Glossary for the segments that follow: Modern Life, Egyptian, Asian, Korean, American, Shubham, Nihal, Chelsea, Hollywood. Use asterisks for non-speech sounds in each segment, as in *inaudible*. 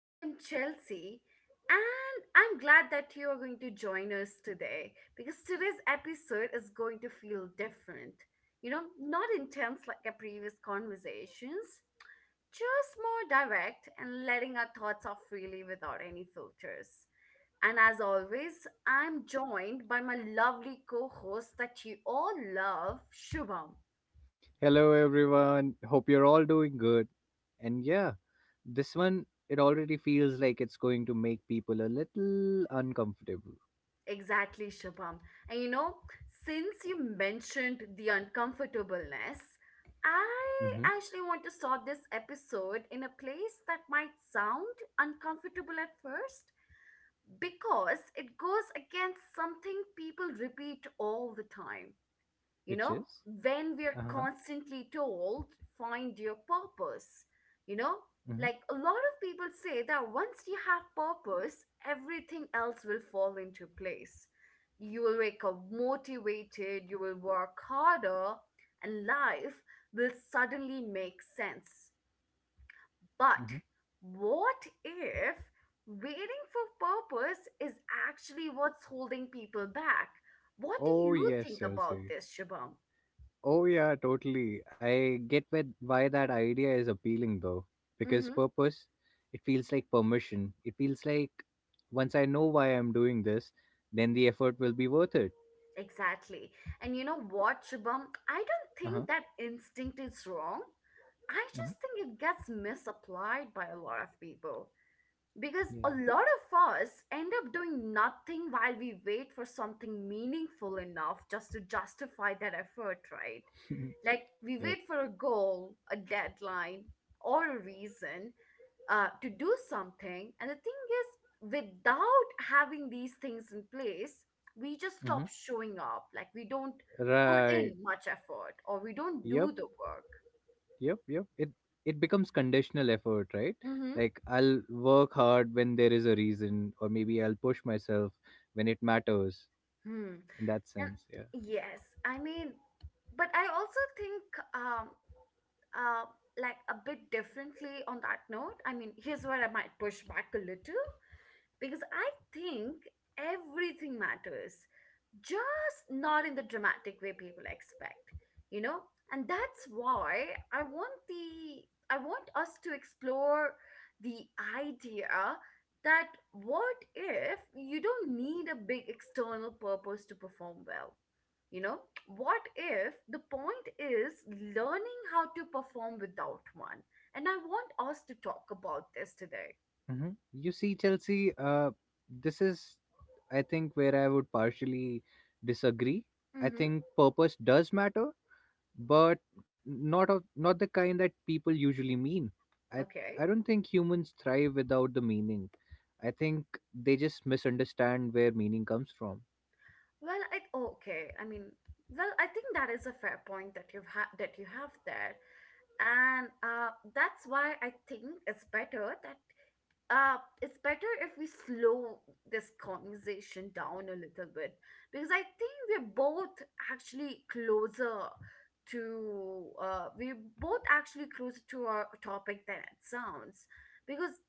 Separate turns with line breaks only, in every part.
I am Chelsea, and I'm glad that you are going to join us today because today's episode is going to feel different. Not intense like our previous conversations, just more direct and letting our thoughts off freely without any filters. And as always, I'm joined by my lovely co host that you all love, Shubham.
Hello everyone. Hope you're all doing good. And yeah, this one it already feels like it's going to make people a little uncomfortable.
Exactly, Shubham. And since you mentioned the uncomfortableness, I
Mhm.
actually want to start this episode in a place that might sound uncomfortable at first because it goes against something people repeat all the time you
Which
know
is?
when we're
Uh-huh.
constantly told find your purpose you know
Mhm.
like a lot of people say that once you have purpose everything else will fall into place. You will wake up motivated, you will work harder, and life will suddenly make sense.
Mhm.
But what if waiting for purpose is actually what's holding people back? What do
Oh
you
yes,
think about
Chelsea.
this, shabam?
Oh yeah, totally. I get with why that idea is appealing though. Because purpose, it feels like permission. It feels like once I know why I'm doing this, then the effort will be worth it.
Exactly. And Shubham, I don't
Uh-huh.
think that instinct is wrong. I
Mhm.
just think it gets misapplied by a lot of people. Because
Yeah.
a lot of us end up doing nothing while we wait for something meaningful enough just to justify that effort, right?
*laughs*
Like we
Yep.
wait for a goal, a deadline, or a reason to do something. And the thing is, without having these things in place, we just
Mhm.
stop showing up. Like we don't put
Right.
in much effort or we don't
Yep.
do the work.
Yep, yep. It becomes conditional effort, right?
Mm-hmm.
Like I'll work hard when there is a reason, or maybe I'll push myself when it matters.
Hmm.
In that
And
sense, yeah.
yes, I mean, but I also think um uh like a bit differently on that note. I mean, here's where I might push back a little. Because I think everything matters, just not in the dramatic way people expect, you know? And that's why I want us to explore the idea that what if you don't need a big external purpose to perform well? You know, what if the point is learning how to perform without one? And I want us to talk about this today.
You see, Chelsea, this is, I think, where I would partially disagree. I
Mm-hmm.
think purpose does matter, but not the kind that people usually mean. I
Okay.
I don't think humans thrive without the meaning. I think they just misunderstand where meaning comes from.
Well, I okay. I mean, well, I think that is a fair point that that you have there, and that's why I think it's better that it's better if we slow this conversation down a little bit because I think we're both actually closer to we're both actually closer to our topic than it sounds because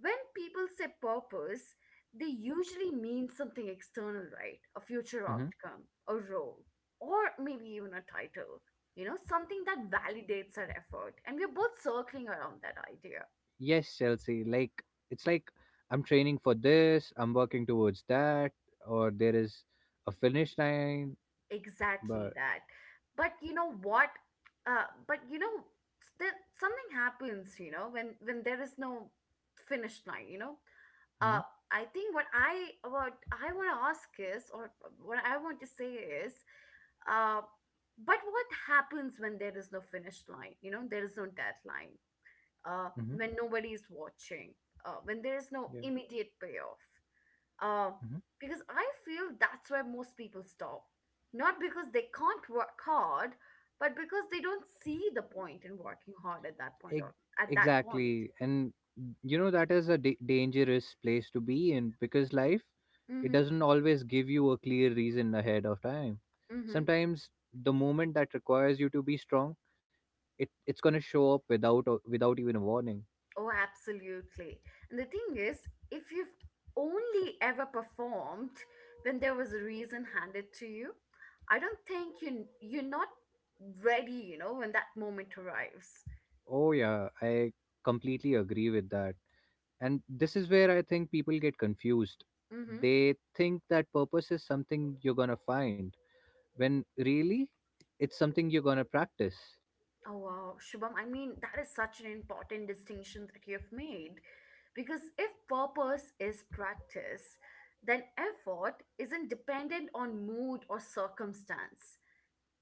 when people say purpose, they usually mean something external, right? A future outcome, a role, or maybe even a title. You know, something that validates our effort. And we're both circling around that idea.
Yes, Chelsea. Like it's like I'm training for this, I'm working towards that, or there is a finish line.
Exactly
But
that. But you know what? But you know, there, Something happens, you know, when, there is no finish line, you know?
Hmm.
uh, I think what I want to ask is, or what I want to say is, uh, but what happens when there is no finish line? You know, there is no deadline. When
Hmm.
nobody is watching. When there is no
Yeah.
immediate payoff. Uh,
Hmm.
because I feel that's where most people stop. Not because they can't work hard, but because they don't see the point in working hard at that
Ex-
point or at that point.
exactly. And you know that is a dangerous place to be in because life it
Mm-hmm.
doesn't always give you a clear reason ahead of time.
Mm-hmm.
Sometimes the moment that requires you to be strong, it's gonna show up without even a warning.
Oh, absolutely. And the thing is, if you've only ever performed when there was a reason handed to you, I don't think you're not ready, you know, when that moment arrives.
Oh yeah, I completely agree with that. And this is where I think people get confused.
Mm-hmm.
They think that purpose is something you're going to find, when really it's something you're going to practice.
Oh wow, Shubham, I mean, that is such an important distinction that you've made. Because if purpose is practice, then effort isn't dependent on mood or circumstance.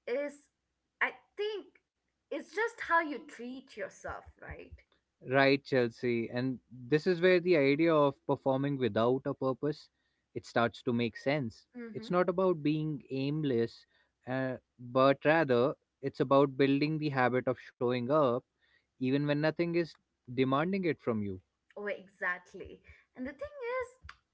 Is I think it's just how you treat yourself, right?
Right, Chelsea. And this is where the idea of performing without a purpose it starts to make sense.
Mm-hmm.
It's not about being aimless, but rather it's about building the habit of showing up even when nothing is demanding it from you.
Oh, exactly. And the thing is,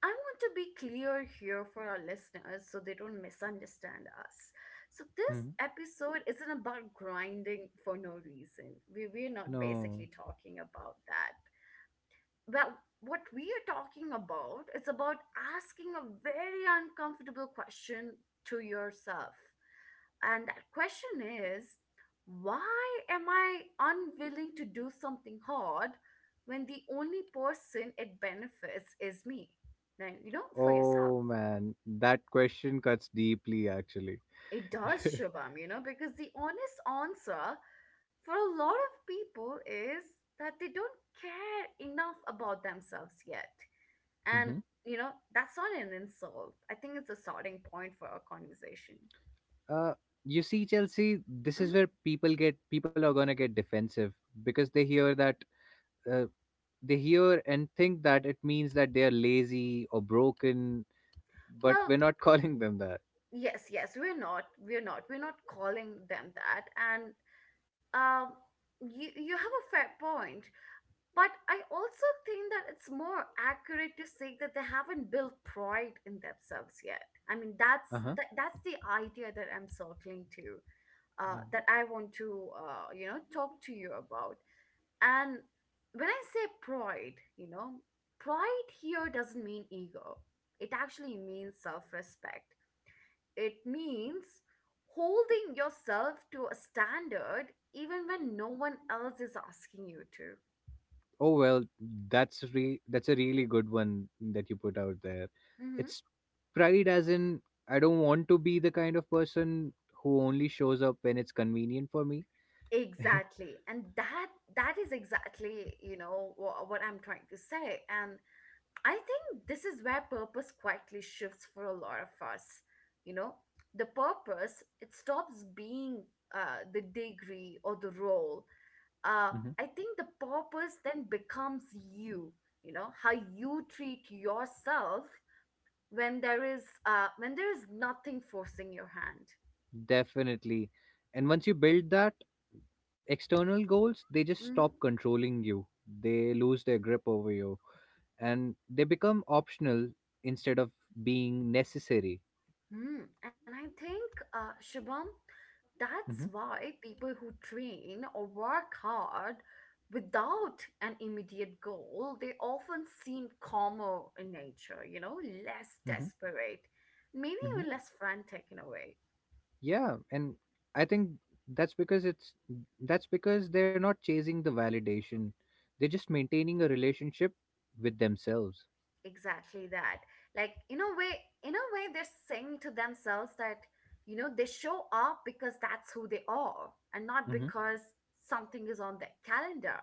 I want to be clear here for our listeners so they don't misunderstand us. So, this
Mhm.
episode isn't about grinding for no reason. We're not
No.
basically talking about that. Well, what we are talking about is about asking a very uncomfortable question to yourself. And that question is why am I unwilling to do something hard when the only person it benefits is me? Then, you know, for yourself.
Oh man, that question cuts deeply actually.
It
*laughs*
does, Shubham, you know, because the honest answer for a lot of people is that they don't care enough about themselves yet. And,
hmm
you know, that's not an insult. I think it's a starting point for our conversation.
Uh, you see, Chelsea, this is
Mhm.
where people are gonna get defensive because they hear that uh, they hear and think that it means that they are lazy or broken, but
Well,
we're not *laughs* calling them that.
yes, yes, we're not calling them that. And um, you you have a fair point, but I also think that it's more accurate to say that they haven't built pride in themselves yet. I mean,
Uh huh.
that's the idea that I'm circling to.
Yeah.
That I want to you know talk to you about. And when I say pride, you know, pride here doesn't mean ego. It actually means self-respect. It means holding yourself to a standard even when no one else is asking you to.
Oh well, that's a really good one that you put out there.
Hmm.
It's pride, as in I don't want to be the kind of person who only shows up when it's convenient for me. *laughs*
Exactly. And that is exactly, you know, what I'm trying to say. And I think this is where purpose quietly shifts for a lot of us. You know, the purpose, it stops being the degree or the role. Uh,
Mhm.
I think the purpose then becomes you, you know, how you treat yourself when there is nothing forcing your hand.
Definitely. And once you build that, external goals, they just stop
Mm-hmm.
controlling you. They lose their grip over you and they become optional instead of being necessary.
And I think, Shubham, that's
Hmm.
why people who train or work hard without an immediate goal, they often seem calmer in nature, you know, less
Hmm.
desperate, maybe even
Hmm.
less frantic in a way.
Yeah. And I think that's because it's that's because they're not chasing the validation, they're just maintaining a relationship with themselves.
Exactly that. Like in a way, they're saying to themselves that you know they show up because that's who they are and not
Hmm.
because something is on their calendar.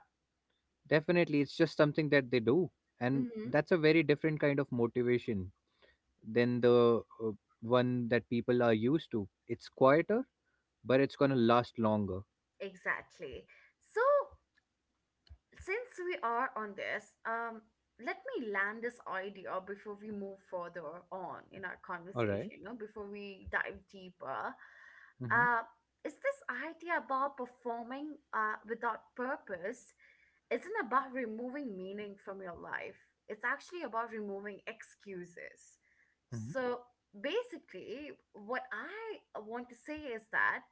Definitely. It's just something that they do. And
Mm-hmm.
that's a very different kind of motivation than the one that people are used to. It's quieter, but it's going to last longer.
Exactly. So since we are on this, let me land this idea before we move further on in our
All right.
conversation, you know, before we dive deeper.
Mm-hmm.
uh is this idea about performing without purpose isn't about removing meaning from your life. It's actually about removing excuses.
Mm-hmm.
So basically, what I want to say is that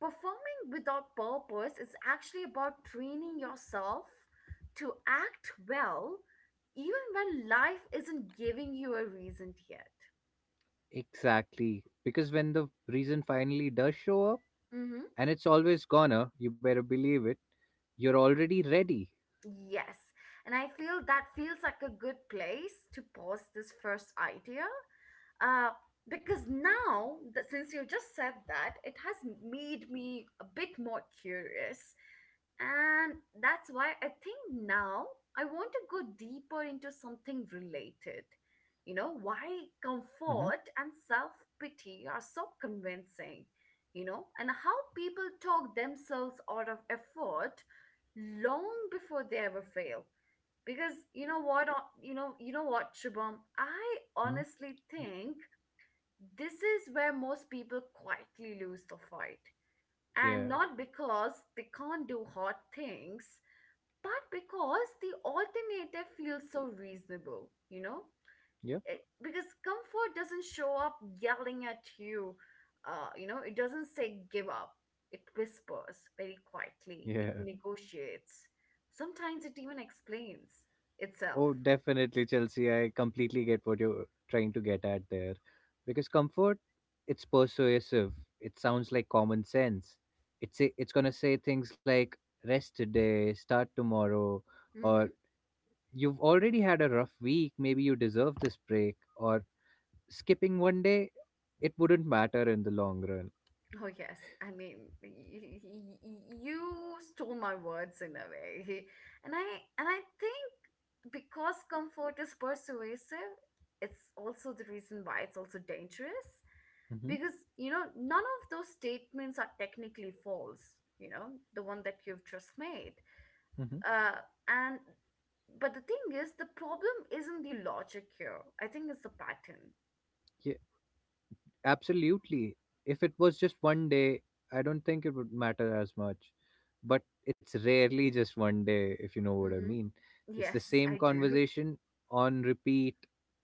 performing without purpose is actually about training yourself to act well even when life isn't giving you a reason yet.
Exactly. Because when the reason finally does show up,
Mm-hmm.
and it's always gonna, you better believe it, you're already ready.
Yes. And I feel that feels like a good place to pause this first idea. Uh, because now, that since you just said that, it has made me a bit more curious. And that's why I think now I want to go deeper into something related. You know, why
Mm-hmm.
comfort and self pity are so convincing, you know, and how people talk themselves out of effort long before they ever fail because you know what, shubham, I
Mm-hmm.
honestly think this is where most people quietly lose the fight. And
Yeah.
not because they can't do hard things, but because the alternative feels so reasonable, you know?
Yep.
Because comfort doesn't show up yelling at you, you know, it doesn't say give up. It whispers very quietly, it
Yeah.
negotiates. Sometimes it even explains itself.
Oh, definitely, Chelsea. I completely get what you're trying to get at there. Because comfort, it's persuasive. It sounds like common sense. It's gonna say things like rest today, start tomorrow,
Mm-hmm.
or you've already had a rough week. Maybe you deserve this break, or skipping one day, it wouldn't matter in the long run.
Oh, yes. I mean, you stole my words in a way. *laughs* And I think because comfort is persuasive, it's also the reason why it's also dangerous.
Mm-hmm.
Because, you know, none of those statements are technically false, you know, the one that you've just made.
Mm-hmm.
Uh, and But the thing is, the problem isn't the logic here. I think it's the pattern.
Yeah. Absolutely. If it was just one day, I don't think it would matter as much. But it's rarely just one day, if you know what I
Hmm.
mean. It's the
Yes,
same
I do.
conversation on repeat,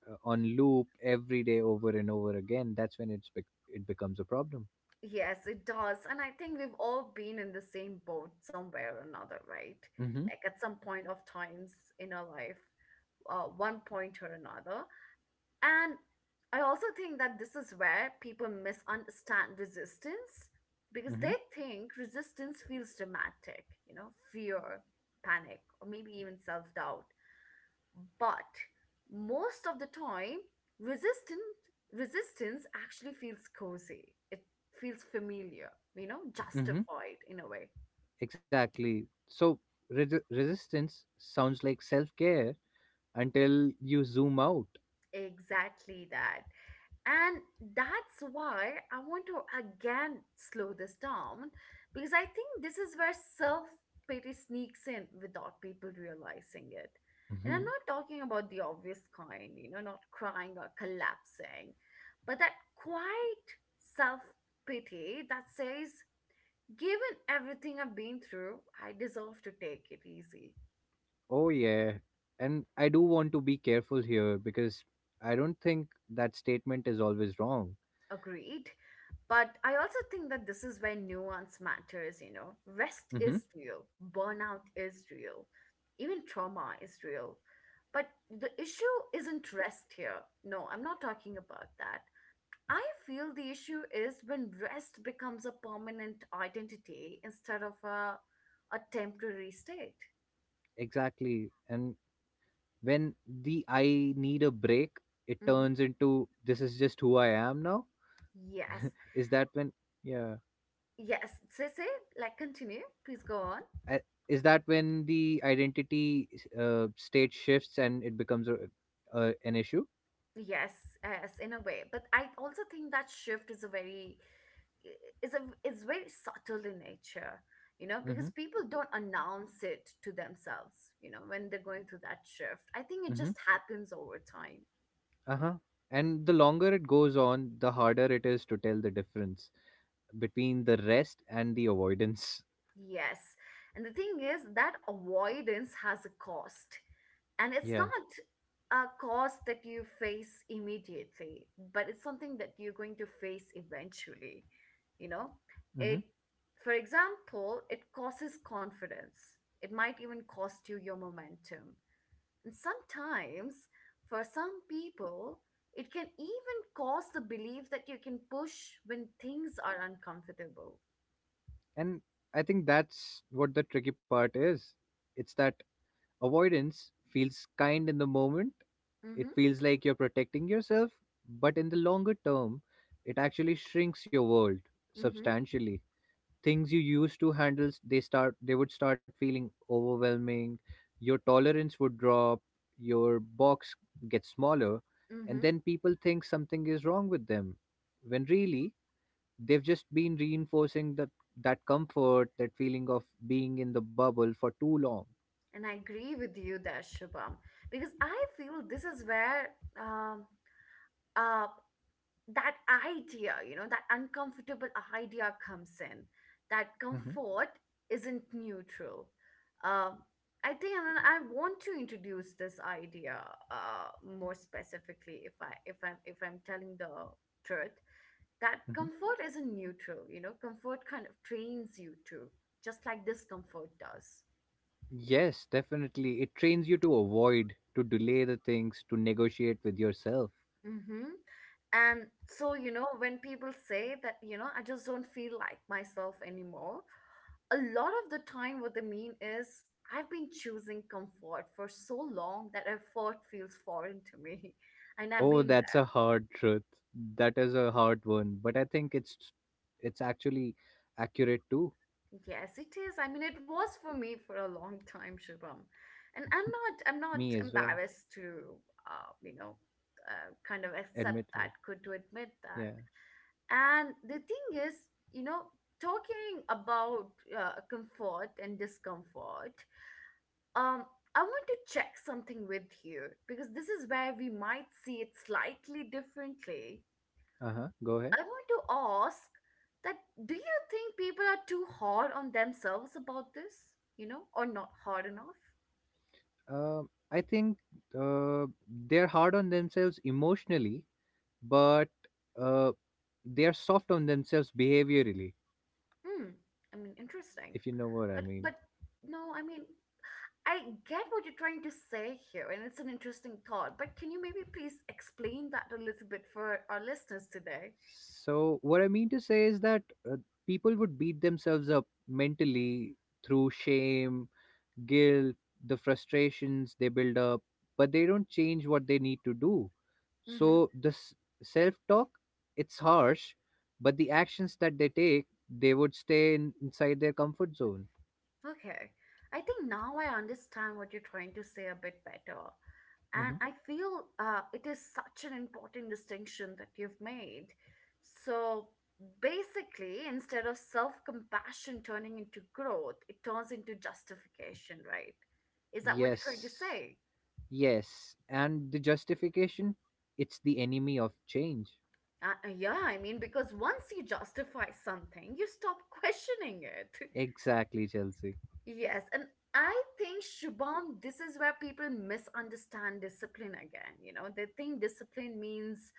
on loop every day over and over again. That's when it becomes a problem.
Yes, it does. And I think we've all been in the same boat somewhere or another, right?
Mm-hmm.
Like at some point of times in our life, one point or another. And I also think that this is where people misunderstand resistance because
Mm-hmm.
they think resistance feels dramatic, you know, fear, panic, or maybe even self doubt. But most of the time resistance resistance actually feels cozy. It feels familiar, you know,
Mm-hmm.
justified in a way.
Exactly. So resistance sounds like self care until you zoom out.
Exactly that. And that's why I want to again slow this down because I think this is where self pity sneaks in without people realizing it. And I'm not
*laughs*
talking about the obvious kind, you know, not crying or collapsing, but that quiet self pity that says, given everything I've been through, I deserve to take it easy.
Oh, yeah. And I do want to be careful here because I don't think that statement is always wrong.
Agreed. But I also think that this is where nuance matters, you know. Rest
Hmm.
is real, burnout is real, even trauma is real. But the issue isn't rest here. No, I'm not talking about that. I feel the issue is when rest becomes a permanent identity instead of a temporary state.
Exactly. And when the I need a break, it
Hmm.
turns into this is just who I am now.
Yes,
Is that when, yeah.
yes. Continue. Please go on.
I, is that when the identity state shifts and it becomes an issue?
Yes, yes, in a way. But I also think that shift is a very is a is very subtle in nature, you know, because
Mm-hmm.
people don't announce it to themselves, you know, when they're going through that shift. I think it
Mm-hmm.
just happens over time.
Uh-huh. And the longer it goes on, the harder it is to tell the difference between the rest and the avoidance.
Yes. And the thing is that avoidance has a cost. And it's not
Yeah.
a cost that you face immediately, but it's something that you're going to face eventually you know
Hmm.
it For example, it causes confidence. It might even cost you your momentum. And sometimes, for some people, it can even cause the belief that you can push when things are uncomfortable.
And I think that's what the tricky part is. It's that avoidance feels kind in the moment. It
Mm-hmm.
feels like you're protecting yourself, but in the longer term, it actually shrinks your world
Mm-hmm.
substantially. Things you used to handle, they would start feeling overwhelming. Your tolerance would drop, your box gets smaller, and
Mm-hmm.
then people think something is wrong with them. When really they've just been reinforcing that comfort, that feeling of being in the bubble for too long.
And I agree with you there, Shubham, because I feel this is where um, uh, that idea, you know, that uncomfortable idea comes in. That
Hmm.
comfort isn't neutral. Um, I think, and I want to introduce this idea more specifically. If I'm telling the truth, that
Hmm.
comfort isn't neutral. You know, comfort kind of trains you to, just like discomfort does.
Yes, definitely, it trains you to avoid, to delay the things, to negotiate with yourself.
Mm-hmm. And so, you know, when people say that, you know, I just don't feel like myself anymore, a lot of the time what they mean is I've been choosing comfort for so long that effort feels foreign to me. *laughs* And I've
Oh,
been
that's a hard truth. That is a hard one, but I think it's actually accurate to
there. Yes, it is. I mean, it was for me for a long time, Shubham. And I'm not
me as well.
embarrassed to, you know, kind of accept that,
Admitted.
good to admit that.
Yeah.
And the thing is, you know, talking about comfort and discomfort, um, I want to check something with you because this is where we might see it slightly differently.
Uh-huh. Go ahead.
I want to ask that, do you think people are too hard on themselves about this, you know, or not hard enough?
I think uh, they're hard on themselves emotionally, but uh, they are soft on themselves behaviorally,
Hmm, I mean, interesting.
if you know what I
But,
mean.
but no, I mean, I get what you're trying to say here, and it's an interesting thought, but can you maybe please explain that a little bit for our listeners today?
So what I mean to say is that uh, people would beat themselves up mentally through shame, guilt, the frustrations they build up, but they don't change what they need to do. So
Mm-hmm.
this self talk, it's harsh, but the actions that they take, they would inside their comfort zone.
Okay. I think now I understand what you're trying to say a bit better. And
Mhm.
I feel it is such an important distinction that you've made. So basically, instead of self compassion turning into growth, it turns into justification, right? Is that what you're trying to
yes
say?
Yes, and the justification? It's the enemy of change.
Yeah, I mean, because once you justify something, you stop questioning it. *laughs*
Exactly, Chelsea.
Yes, and I think, Shubham, this is where people misunderstand discipline again. You know, they think discipline means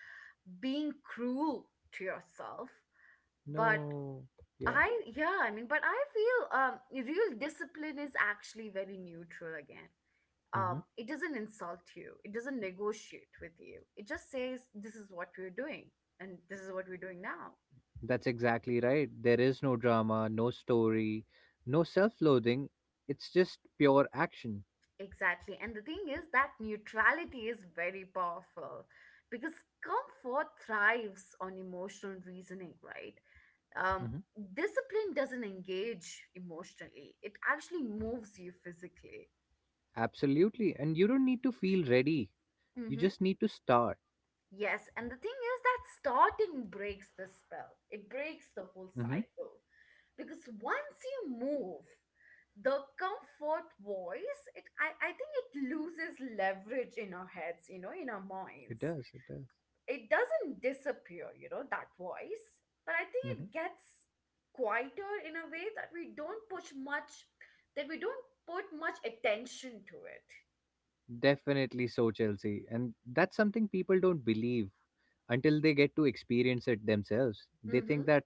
being cruel to yourself. But
No, yeah.
I, yeah, I mean, but I feel real discipline is actually very neutral again.
Hmm.
It doesn't insult you, it doesn't negotiate with you. It just says, this is what we're doing, and this is what we're doing now.
That's exactly right. There is no drama, no story, no self loathing. It's just pure action.
Exactly. And the thing is that neutrality is very powerful because comfort thrives on emotional reasoning, right? Um,
Hmm.
Discipline doesn't engage emotionally, it actually moves you physically.
Absolutely. And you don't need to feel ready, you
Mm-hmm.
just need to start.
Yes. And the thing is that starting breaks the spell, it breaks the whole
Hmm.
cycle because once you move, the comfort voice, I think it loses leverage in our heads, you know, in our
It
minds.
does, it does.
It doesn't disappear, you know, that voice, but I think it
Hmm.
gets quieter in a way that we don't push much, that we don't put much attention to it.
Definitely so, Chelsea. And that's something people don't believe until they get to experience it themselves. They
Mm-hmm.
think that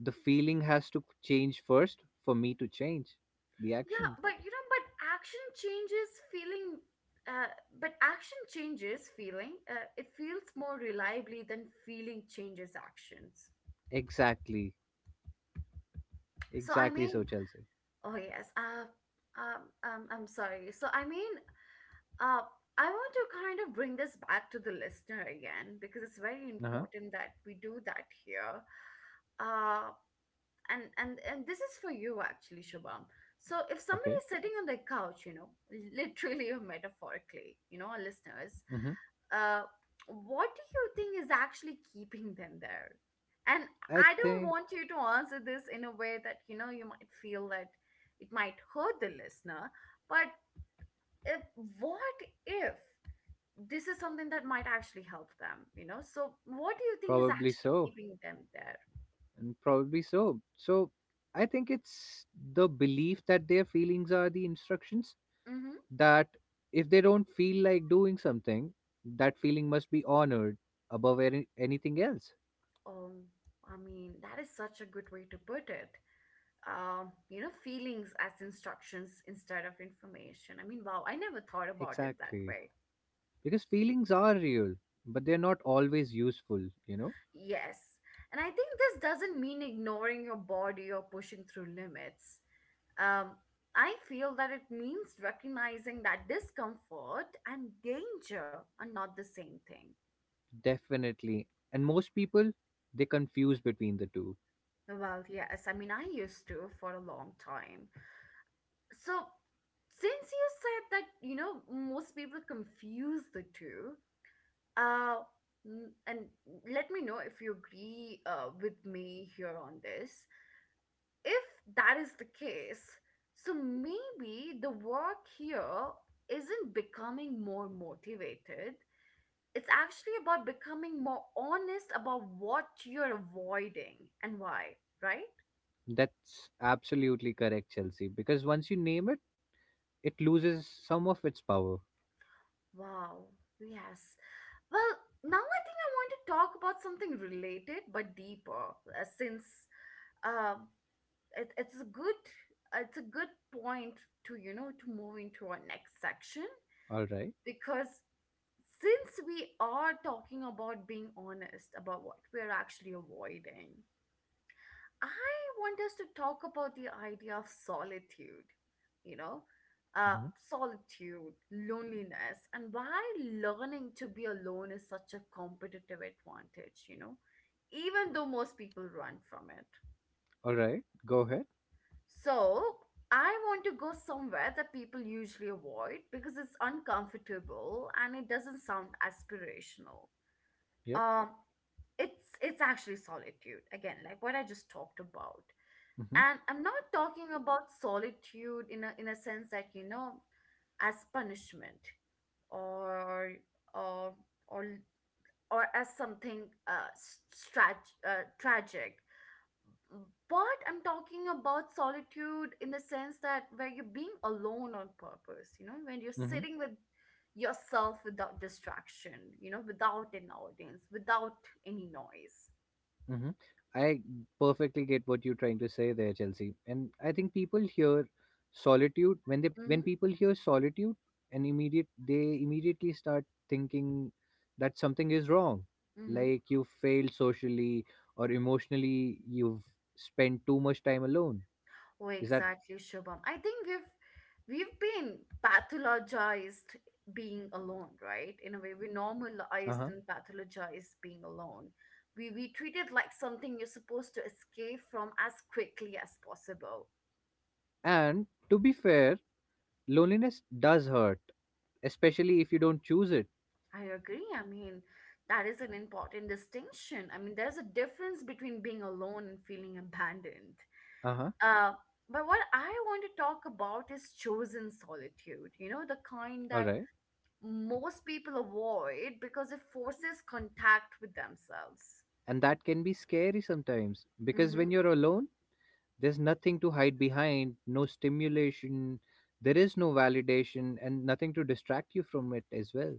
the feeling has to change first for me to change the
Yeah,
action.
but you know, but action changes feeling. Uh, but action changes feeling. It feels more reliably than feeling changes actions.
Exactly.
So I
Exactly
mean,
so, Chelsea.
oh yes. I'm sorry. So I mean, Uh, I want to kind of bring this back to the listener again because it's very
Uh huh.
important that we do that here. Uh, and and this is for you actually, Shubham. So if somebody
Okay.
is sitting on the couch, you know, *laughs* literally or metaphorically, you know, our listeners,
Hmm.
uh, what do you think is actually keeping them there? And
I
I don't
think
want you to answer this in a way that, you know, you might feel that it might hurt the listener, but if, what if this is something that might actually help them, you know, so what do you think is
probably
actually
so,
keeping them there?
and probably so. So I think it's the belief that their feelings are the instructions,
Mm-hmm.
that if they don't feel like doing something, that feeling must be honored above anything else.
um I mean that is such a good way to put it. You know, feelings as instructions instead of information, I mean, wow, I never thought about it that
Exactly.
way.
Because feelings are real, but they're not always useful, you know?
Yes, and I think this doesn't mean ignoring your body or pushing through limits. um I feel that it means recognizing that discomfort and danger are not the same thing.
Definitely. And most people, they confuse between the two.
Well, yes. I mean, I used to for a long time. So, since you said that, you know, most people confuse the two, uh, and let me know if you agree with me here on this. If that is the case, so maybe the work here isn't becoming more motivated. It's actually about becoming more honest about what you're avoiding and why, right?
That's absolutely correct, Chelsea. Because once you name it, it loses some of its power.
Wow. Yes. Well, now I think I want to talk about something related but deeper, since um, it's a good point to, you know, to move into our next section
All right.
because since we are talking about being honest about what we're actually avoiding, I want us to talk about the idea of solitude, you know, uh,
Mhm.
solitude, loneliness, and why learning to be alone is such a competitive advantage, you know, even though most people run from it.
All right. Go ahead.
So, I want to go somewhere that people usually avoid because it's uncomfortable and it doesn't sound aspirational.
Yep.
Um, it's actually solitude again, like what I just talked about.
Mm-hmm.
And I'm not talking about solitude in a sense that, you know, as punishment or or or or as something tragic, but I'm talking about solitude in the sense that where you're being alone on purpose, you know, when you're
Mm-hmm.
sitting with yourself without distraction, you know, without an audience, without any noise.
Hmm. I perfectly get what you're trying to say there, Chelsea. And I think people hear solitude when people hear solitude, and immediate they immediately start thinking that something is wrong.
Mm-hmm.
Like you failed socially or emotionally, you've spent too much time alone.
Oh,
Is that
exactly, Shubham. I think we've been pathologized being alone, right? In a way, we normalized
Uh-huh.
and pathologized being alone. We treat it like something you're supposed to escape from as quickly as possible.
And to be fair, loneliness does hurt, especially if you don't choose it.
I agree. I mean, that is an important distinction. I mean, there's a difference between being alone and feeling abandoned.
Uh-huh.
Uh, but what I want to talk about is chosen solitude. You know, the kind
All
that
right.
most people avoid because it forces contact with themselves.
And that can be scary sometimes because
Hmm.
when you're alone, there's nothing to hide behind, no stimulation, there is no validation, and nothing to distract you from it as well.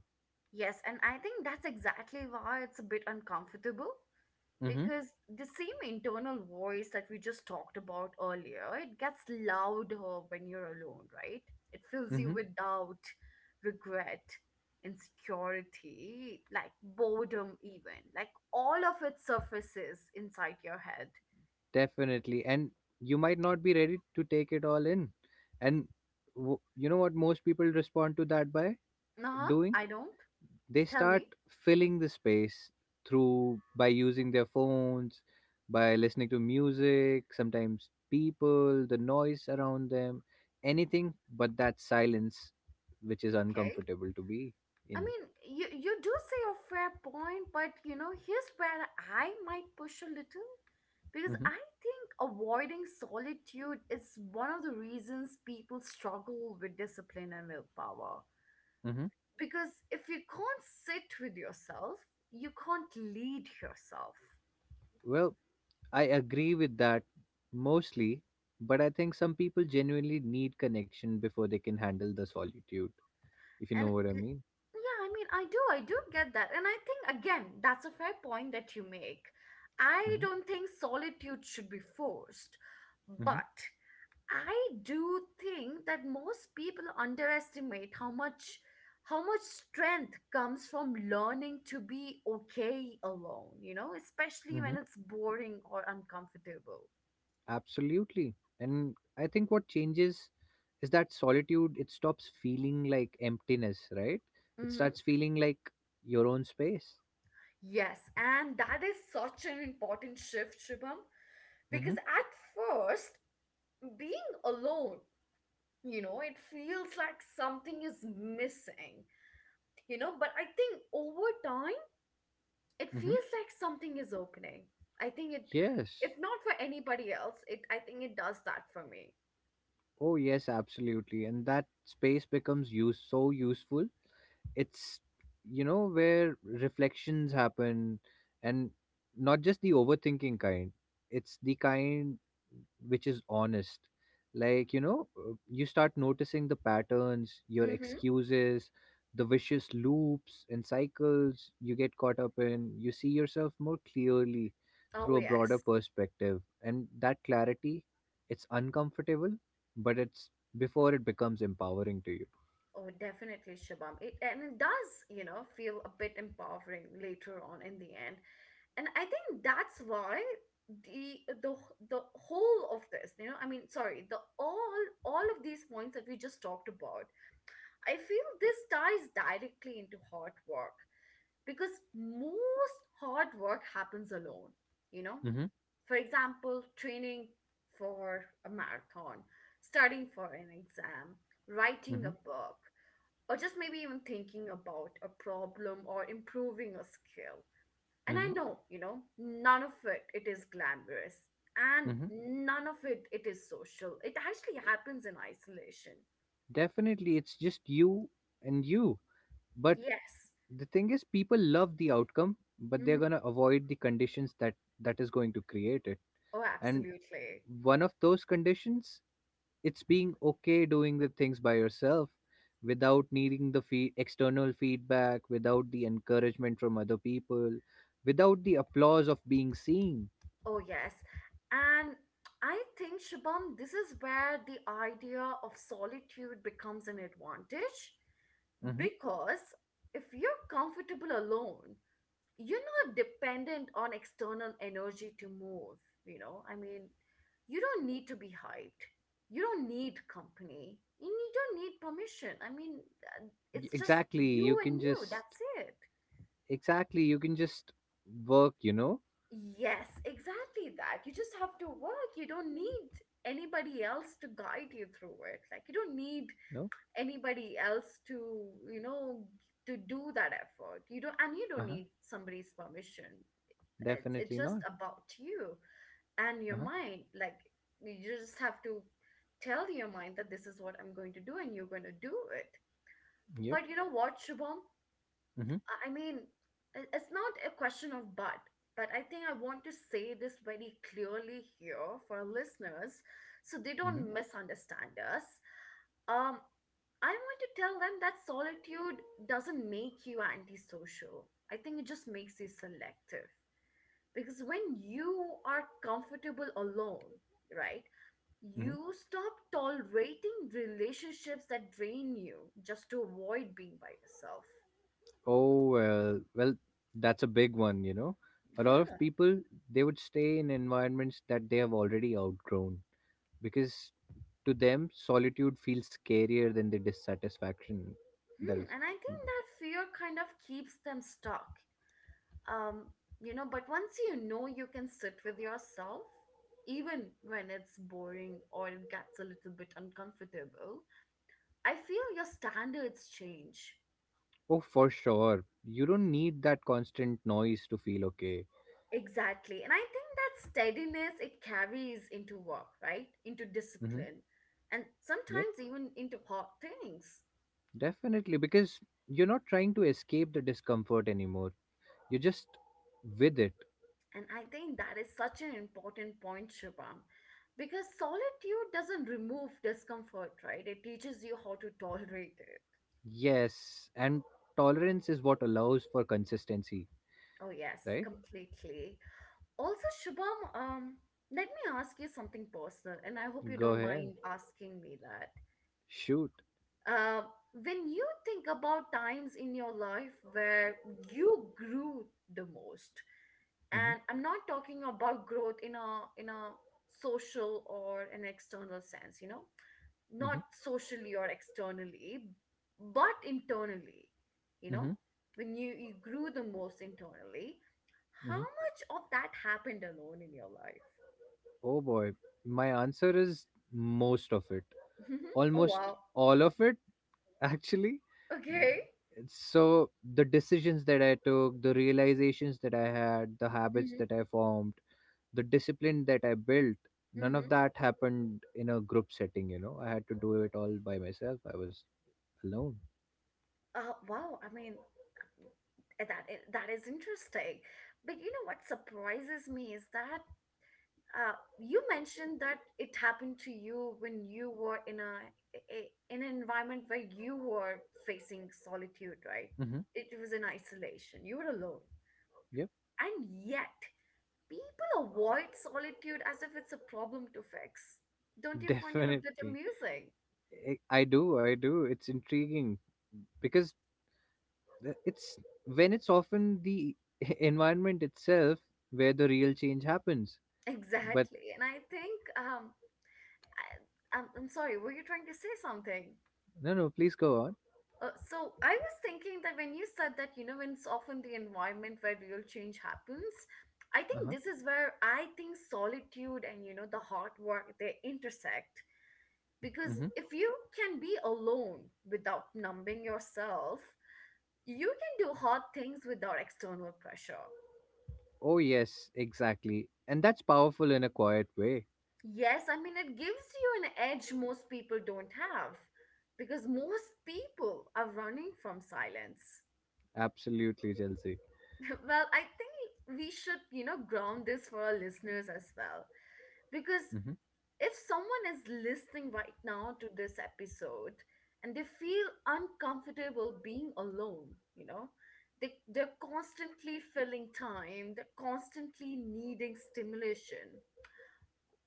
Yes, and I think that's exactly why it's a bit uncomfortable
Mm-hmm.
because the same internal voice that we just talked about earlier, it gets louder when you're alone, right? It fills you
Mm-hmm.
with doubt, regret, insecurity, like boredom, even. Like all of it surfaces inside your head.
Definitely. And you might not be ready to take it all in. And you know what most people respond to that by
Nah,
doing?
I don't.
They
Tell
start
me.
filling the space through by using their phones, by listening to music, sometimes people the noise around them, anything but that silence, which is
Okay.
uncomfortable to be
I
in.
mean, you do say a fair point, but you know, here's where I might push a little because
Hmm.
I think avoiding solitude is one of the reasons people struggle with discipline and willpower.
Hmm.
Because if you can't sit with yourself, you can't lead yourself.
Well, I agree with that mostly, but I think some people genuinely need connection before they can handle the solitude, if you know
And
what I
l-
mean.
yeah, I mean, I do get that. And I think, again, that's a fair point that you make. I
Hmm.
don't think solitude should be forced. But I do think that most people underestimate how much strength comes from learning to be okay alone, you know, especially
Hmm.
when it's boring or uncomfortable.
Absolutely. And I think what changes is that solitude, it stops feeling like emptiness, right? It
Mm-hmm.
starts feeling like your own space.
Yes, and that is such an important shift, Shubham,
Mm-hmm.
because at first, being alone, you know, it feels like something is missing, you know, but I think over time it
Mm-hmm.
feels like something is opening. I think it, if
Yes.
not for anybody else, it I think it does that for me.
Oh, yes, absolutely. And that space becomes use so useful. It's, you know, where reflections happen, and not just the overthinking kind. It's the kind which is honest. Like, you start noticing the patterns, your
Mm-hmm.
excuses, the vicious loops and cycles you get caught up in. You see yourself more clearly through
Oh
a broader
yes.
perspective, and that clarity, it's uncomfortable, but it's before it becomes empowering to you.
Oh, definitely, Shabam. It and it does, you know, feel a bit empowering later on in the end. And I think that's why the the the whole of this, you know, I mean, sorry, the all of these points that we just talked about, I feel this ties directly into hard work because most hard work happens alone, you know.
Mm-hmm.
For example, training for a marathon, studying for an exam, writing
Mm-hmm.
a book, or just maybe even thinking about a problem or improving a skill. And I know, you know, none of it is glamorous, and
Mm-hmm.
none of it is social. It actually happens in isolation.
Definitely, it's just you and you. But
Yes.
the thing is, people love the outcome, but they're
Hmm.
gonna avoid the conditions that is going to create it.
Oh,
And
absolutely.
one of those conditions, it's being okay doing the things by yourself, without needing the external feedback, without the encouragement from other people, without the applause of being seen.
Oh, yes. And I think, Shubham, this is where the idea of solitude becomes an advantage
Hmm.
because if you're comfortable alone, you're not dependent on external energy to move. You know, I mean, you don't need to be hyped, you don't need company, you don't need permission. I mean, uh, it's just
Exactly,
you and you. That's it.
you can just work. You know,
Yes, exactly that. You just have to work. You don't need anybody else to guide you through it. Like you don't need
no,
anybody else to, you know, to do that effort. You don't, and you
uh
don't
huh,
need somebody's permission. It's,
definitely
it's just
not.
about you and your
Uh-huh.
mind. Like you just have to tell your mind that this is what I'm going to do and you're going to do it.
Yep.
But you know what, Shubham?
Mm-hmm.
I I mean, it's not a question of but I think I want to say this very clearly here for our listeners so they
Mm-hmm.
don't misunderstand us. Um, I want to tell them that solitude doesn't make you antisocial. I think it just makes you selective. Because when you are comfortable alone, right,
Mm-hmm.
you stop tolerating relationships that drain you just to avoid being by yourself.
Oh, well, that's a big one. A lot of people, they would stay in environments that they have already outgrown because to them solitude feels scarier than the dissatisfaction that
Hmm,
is.
and I think that fear kind of keeps them stuck. Um, you know, but once you know you can sit with yourself, even when it's boring or it gets a little bit uncomfortable, I feel your standards change.
Oh, for sure. You don't need that constant noise to feel okay.
Exactly. And I think that steadiness it carries into work, right? Into
Hmm.
discipline. And
Yep,
sometimes even into hard things.
definitely. Because you're not trying to escape the discomfort anymore. You're just with it.
And I think that is such an important point, Shubham, because solitude doesn't remove discomfort, right? It teaches you how to tolerate it.
Yes, and tolerance is what allows for consistency,
Oh, yes,
right?
completely. Also, Shubham, let me ask you something personal, and I hope you
Go
don't
ahead,
mind asking me that.
shoot.
Uh, when you think about times in your life where you grew the most,
hmm
and I'm not talking about growth in a social or an external sense, you know,
hmm
not socially or externally but internally, you know,
hmm
when you grew the most internally, how
hmm
much of that happened alone in your life?
Oh boy, my answer is most of it,
Hmm. Oh,
almost
wow.
all of it, *laughs* actually.
Okay.
So, the decisions that I took, the realizations that I had, the habits
Hmm.
that I formed, the discipline that I built, none of
Hmm.
that happened in a group setting, you know. I had to do it all by myself, I was alone.
Wow, I mean, that is interesting, but you know what surprises me is that, you mentioned that it happened to you when you were in a in an environment where you were facing solitude, right?
hmm
It was in isolation. You were alone.
Yep,
And yet, people avoid solitude as if it's a problem to fix. Don't
*laughs*
you find it a bit
definitely.
amusing? *laughs*
I do, I do. It's intriguing because the- it's it's often the *laughs* environment itself where the real change happens. But
Exactly. And I think I, I'm sorry, were you trying to say something?
no, no, please go on.
So I was thinking that when you said that, you know, when it's often the environment where real change happens, I
Uh
think
huh.
this is where I think solitude and, you know, the hard work they intersect. Because
hmm
if you can be alone without numbing yourself, you can do hard things without external pressure.
Oh yes, exactly, and that's powerful in a quiet way.
Yes, I mean, it gives you an edge most people don't have because most people are running from silence.
Absolutely, Chelsea.
*laughs* Well, I think we should, you know, ground this for our listeners as well. Because
hmm
if someone is listening right now to this episode and they feel uncomfortable being alone, you know, they're constantly filling time, they're constantly needing stimulation.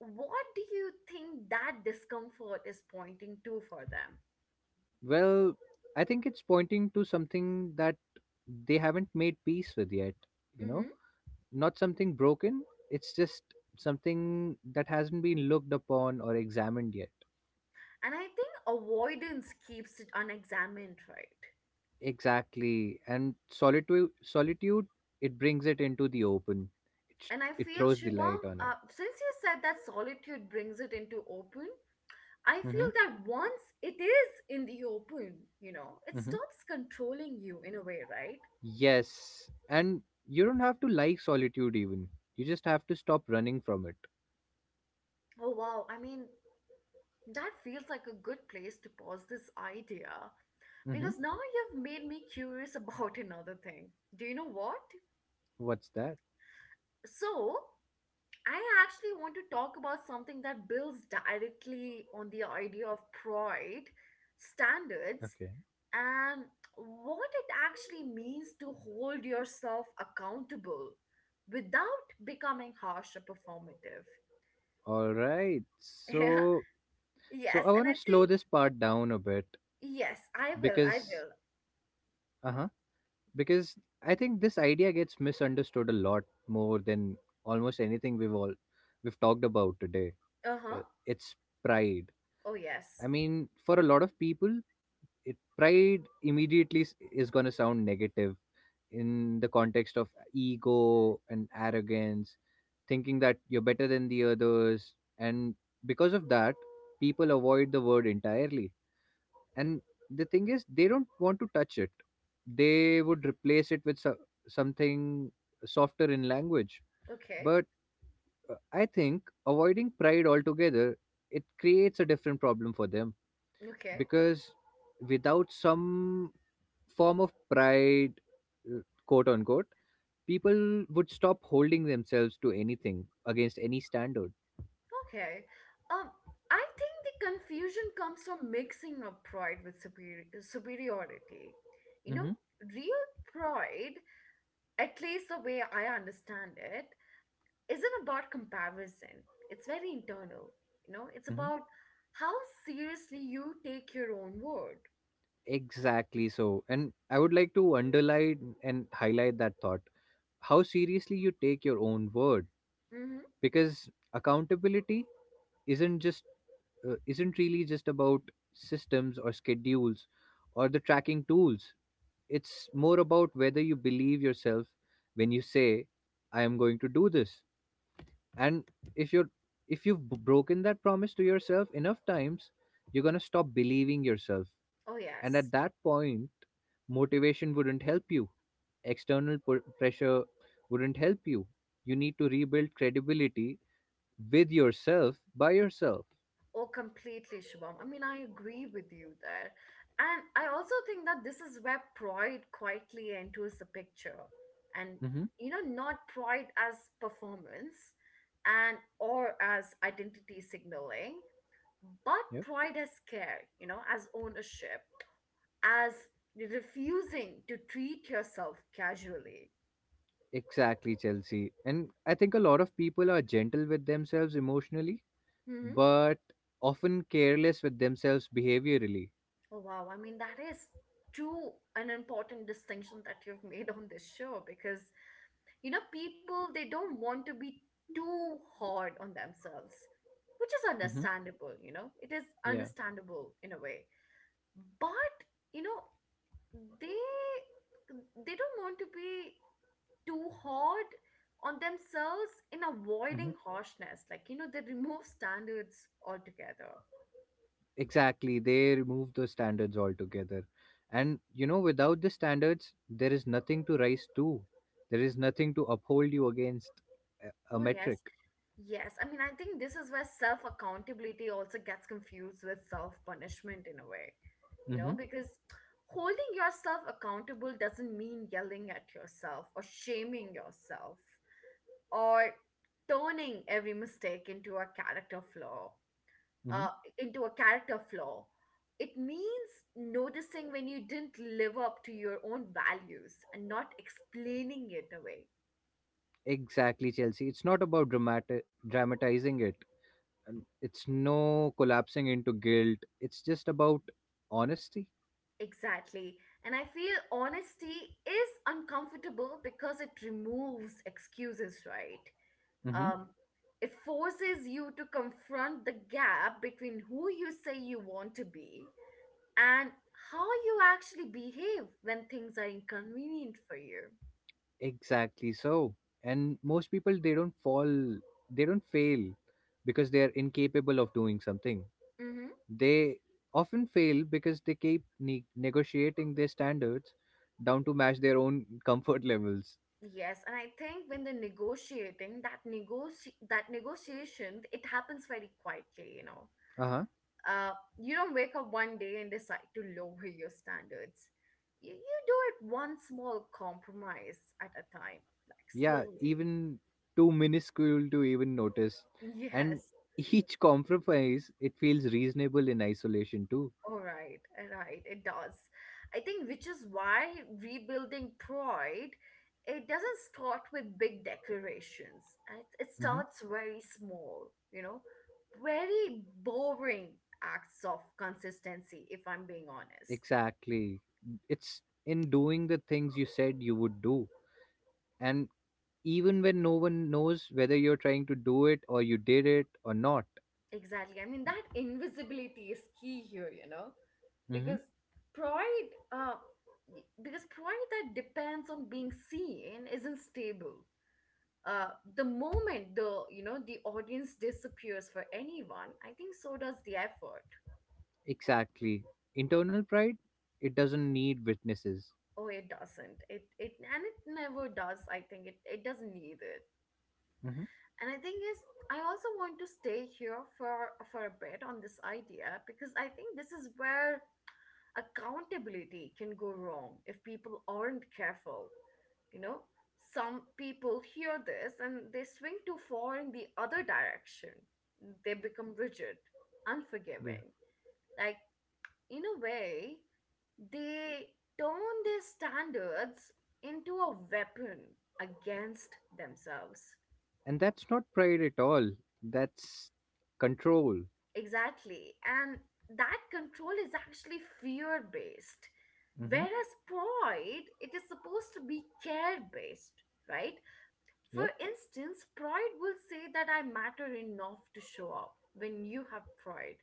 What do you think that discomfort is pointing to for them?
Well, I think it's pointing to something that they haven't made peace with yet. You know,
Hmm.
not something broken. It's just something that hasn't been looked upon or examined yet.
And I think avoidance keeps it unexamined, right?
Exactly. And solitude, it brings it into the open. It sh-
And I
it
feel,
throws the
Shubham,
light on it.
since you said that solitude brings it into open, I
hmm
feel that once it is in the open, you know, it
hmm
stops controlling you in a way, right?
Yes. And you don't have to like solitude even. You just have to stop running from it.
Oh, wow. I mean, that feels like a good place to pause this idea because
hmm
now you've made me curious about *laughs* another thing. Do you know what?
What's that?
So, I actually want to talk about something that builds directly on the idea of pride, standards,
Okay.
and what it actually means to hold yourself accountable without becoming harsh or performative. *laughs*
All right.
Yeah.
So
Yes,
I
and
want
I
to slow
think
this part down a bit
yes, I will. I
because
will.
uh-huh because I think this idea gets misunderstood a lot more than almost anything we've talked about today.
Uh-huh.
Uh, it's pride.
Oh
I
yes.
mean, for a lot of people, pride is going to sound negative in the context of ego and arrogance, thinking that you're better than the others. And because of that, people avoid the word entirely. And the thing is, they don't want to touch it, they would replace it with something softer in language.
Okay.
But I think avoiding pride altogether, it creates a different problem for them
Okay.
because without some form of pride, uh, quote unquote, people would stop holding themselves to anything against any standard.
Okay. Um, I think the confusion comes from mixing up pride with superiority. You know,
Mm-hmm.
real pride, at least the way I understand it, isn't about comparison. It's very internal. You know, it's about
Mm-hmm.
how seriously you take your own word.
Exactly, so, and I would like to underline and highlight that thought, how seriously you take your own word.
Hmm.
Because accountability isn't just isn't really just about systems or schedules or the tracking tools. It's more about whether you believe yourself when you say, I am going to do this. And if you're if you've broken that promise to yourself enough times, you're going to stop believing yourself.
Oh,
And at
yes.
that point, motivation wouldn't help you. External pressure wouldn't help you. You need to rebuild credibility with yourself by yourself.
Oh, completely, Shubham. I mean, I agree with you there. And I also think that this is where pride quietly enters the picture. And,
hmm
you know, not pride as performance and or as identity signaling, but
Yeah.
pride as care, you know, as ownership, as refusing to treat yourself casually.
Exactly, Chelsea. And I think a lot of people are gentle with themselves emotionally,
Hmm.
but often careless with themselves behaviorally.
Oh, wow. I mean, that is too an important distinction that you've made on this show because, you know, people, they don't want to be too hard on themselves, which is
hmm
understandable, you know, it is
Yeah,
understandable in a way. But, you know, they they don't want to be too hard on themselves in
hmm
avoiding harshness. Like, you know, they remove *laughs* standards altogether.
exactly. They remove the standards altogether. And you know, without the standards, there is nothing to rise to, there is nothing to uphold you against a
Oh,
metric.
yes. Yes. I mean, I think this is where self accountability also gets confused with self punishment in a way, you
Mm-hmm.
know, because holding yourself accountable doesn't mean yelling at yourself or shaming yourself or turning every mistake into a character flaw.
Mm-hmm.
uh, into a character flaw. It means noticing when you didn't live up to your own values and not explaining it away.
Exactly, Chelsea. It's not about dramatizing it. And It's no collapsing into guilt. It's just about honesty.
Exactly. And I feel honesty is uncomfortable because it removes excuses, right? Um, it forces you to confront the gap between who you say you want to be and how you actually behave when things are inconvenient for you.
Exactly so. And most people they don't fall, they don't fail because they are incapable of doing something.
Mm-hmm.
They often fail because they keep negotiating their standards down to match their own *laughs* comfort levels.
Yes, and I think when they're negotiating, that negoti that negotiation, it happens very quietly, you know.
Uh-huh.
Uh, you don't wake up one day and decide to lower your standards. You do it one small compromise at a time, like
Yeah,
slowly.
even
*laughs*
too minuscule to even notice. And
Yes.
each compromise, it feels reasonable in isolation too.
All right, it does. I think which is why rebuilding pride, it doesn't start with big declarations. It
hmm
starts very small, you know, very boring acts of consistency, if I'm being honest.
Exactly. It's in doing the things you said you would do and even when no one knows whether you're trying to do it or you did it or not.
Exactly. I mean, that invisibility is key here, you know,
hmm
because pride, uh, pride that depends on being seen isn't stable. uh, the moment the you know the audience disappears for anyone, I think so does the effort.
Exactly. Internal pride, it doesn't need witnesses.
Oh, it doesn't, it and it never does. I think it doesn't need it.
hmm
And I think is I also want to stay here for a bit on this idea because I think this is where accountability can go wrong if people aren't careful, you know. Some people hear this and they swing too far in the other direction. They become rigid,
Yeah.
unforgiving, like, in a way, they turn their standards into a weapon against themselves.
And that's not pride at all. That's control.
Exactly. And that control is actually fear based,
hmm
whereas pride it is supposed to be care based, right? For
Yep.
instance, pride will say that I matter enough to show up when you have pride.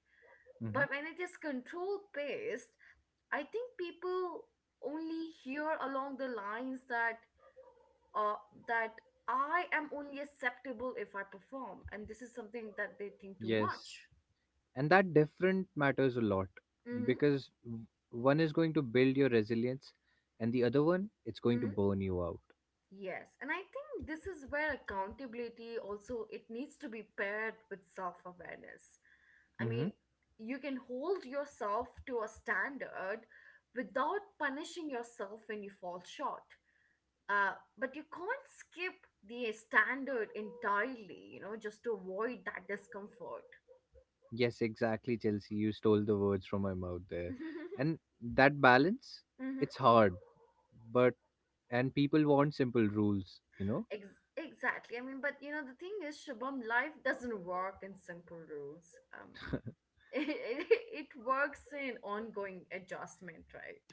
But
hmm
when it is control based, I think people only hear along the lines that uh, that I am only acceptable if I perform, and this is something that they think too
Yes.
much.
And that different matters a lot
Mm-hmm.
because one is going to build your resilience and the other one, it's going to
Mm-hmm.
burn you out.
Yes, and I think this is where accountability also it needs to be paired with self-awareness. I mean, you can hold yourself to a standard without punishing yourself when you fall short. But you can't skip the standard entirely, you know, just to avoid that discomfort.
Yes, exactly, Chelsea. You stole the words from my mouth there.
*laughs*
And that balance,
Hmm.
it's hard, but and people want simple rules, you know?
Ex- exactly. I mean, but you know, the thing is, Shubham, life doesn't work in simple rules. *laughs* It, it, it works in ongoing adjustment, right?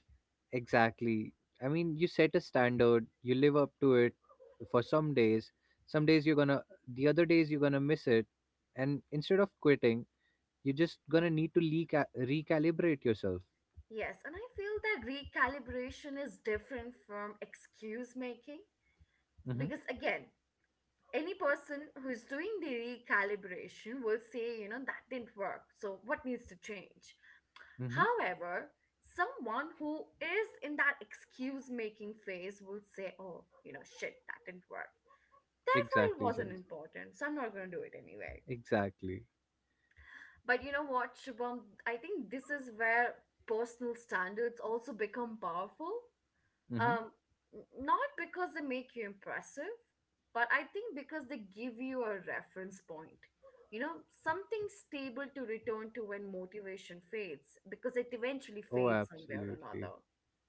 Exactly. I mean, you set a standard, you live up to it for some days. Some days you're gonna, the other days you're gonna miss it. And instead of quitting, you're just gonna need to recalibrate yourself.
Yes, and I feel that recalibration is different from excuse making
Mm-hmm.
because, again, any person who is doing the recalibration will say, you know, that didn't work. So, what needs to change?
Mm-hmm.
However, someone who is in that excuse making phase will say, oh, you know, shit, that didn't work. Therefore, it
Exactly,
wasn't
Chelsea.
important, so I'm not going to do it anyway.
Exactly.
But you know what, Shubham? I think this is where personal standards also become powerful.
Mm-hmm.
Um, Not because they make you impressive, but I think because they give you a reference point. You know, something stable to return to when motivation fades, because it eventually
Oh,
fades somewhere or
absolutely.
another.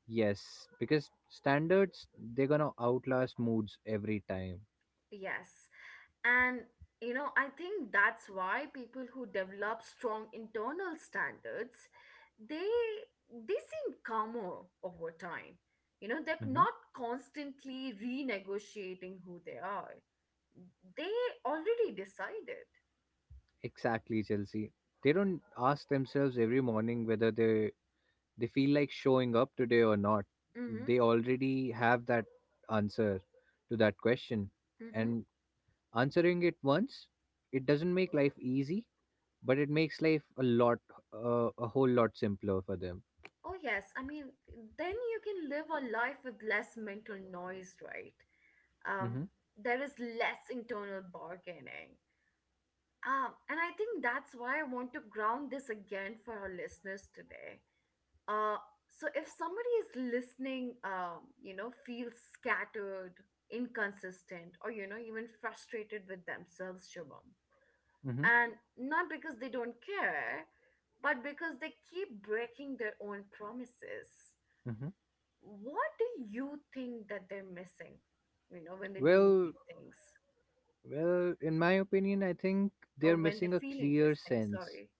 Yes, because standards they're gonna outlast moods every time.
Yes. And you know, I think that's why people who develop strong internal standards, they they seem calmer over time. You know, they're
hmm
not constantly renegotiating who they are. They already decided.
Exactly, Chelsea. They don't ask themselves every morning whether they feel like showing up today or not.
Mm-hmm.
They already have that answer to that question,
Mm-hmm.
and answering it once, it doesn't make life easy, but it makes life a lot, a whole lot simpler for them.
Oh yes. I mean, then you can live a life with less mental noise, right? Um,
Mm-hmm.
there is less internal bargaining. And I think that's why I want to ground this again for our listeners today. Uh, so if somebody is listening, you know, feels scattered, inconsistent, or you know, even frustrated with themselves, Shubham,
Mm-hmm.
and not because they don't care, but because they keep breaking their own promises.
Mm-hmm.
What do you think that they're missing? You know, when they're doing
Well,
these things,
Well, in my opinion, I think
or
they're
when they're
missing a
feeling
clear
these things.
sense.
Sorry.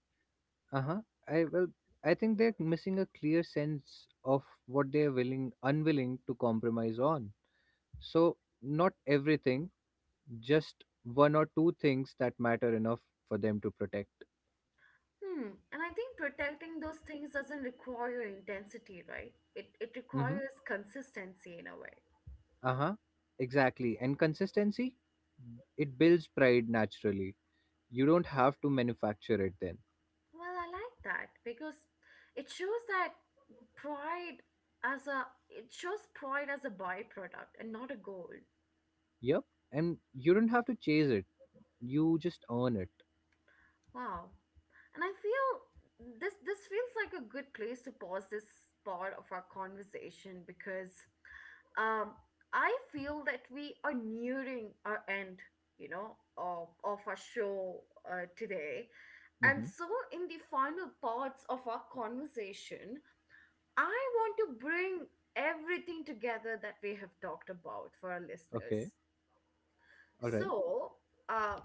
Uh huh. I well, I think they're missing a clear sense of what they're willing, unwilling to compromise on. So not everything, just one or two things that matter enough for them to protect.
Hmm. And I think protecting those things doesn't require intensity, right? It
Mm-hmm.
requires consistency in a way.
Uh huh. Exactly. And consistency, it builds pride naturally. You don't have to manufacture it then.
Well, I like that because it shows that pride as a it shows pride as a byproduct and not a goal.
Yep. And you don't have to chase it. You just earn it.
Wow. And I feel this feels like a good place to pause this part of our conversation because um, I feel that we are nearing our end, you know, of our show today. And
Mm-hmm.
so, in the final parts of our conversation, I want to bring everything together that we have talked about for our
Okay.
listeners.
All right.
So, um,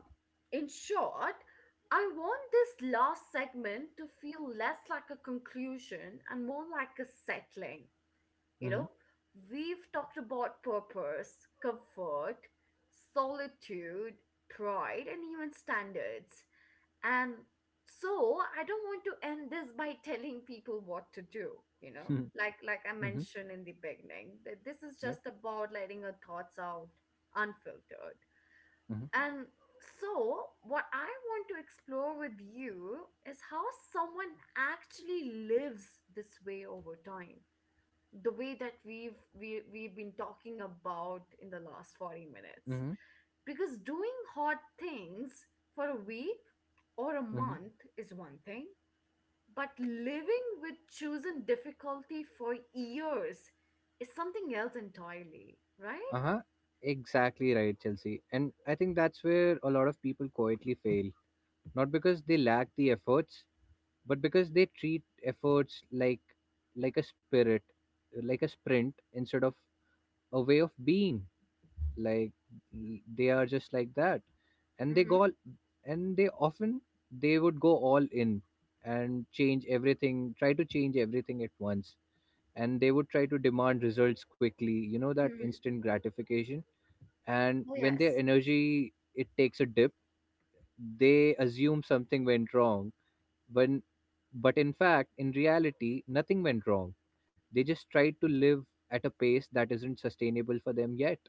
in short, I want this last segment to feel less like a conclusion and more like a settling, you know,
Mm-hmm.
we've talked about purpose, comfort, solitude, pride, and even standards. And so I don't want to end this by *laughs* telling people what to do, you know?
*laughs*
Like I
Mm-hmm.
mentioned in the beginning, that this is
Yep.
just about letting our thoughts out unfiltered.
Mm-hmm.
And so, what I want to explore with you is how someone actually lives this way over time, the way that we've been talking about in the last 40 minutes,
Mm-hmm.
because doing hot things for a week or a
Mm-hmm.
month is one thing, but living with chosen difficulty for years is something else entirely, right?
Uh-huh. Exactly right, Chelsea. And I think that's where a lot of people quietly fail. Not because they lack the efforts, but because they treat efforts like like a spirit, like a sprint instead of a way of being. Like they are just like that. And they
Mm-hmm.
go all, and they would go all in and try to change everything at once and they would try to demand results quickly, you know, that
Mm-hmm.
instant gratification. And
Oh,
when their
yes.
energy it takes a dip, they assume something went wrong when but in fact in reality nothing went wrong. They just tried to live at a pace that isn't sustainable for them yet.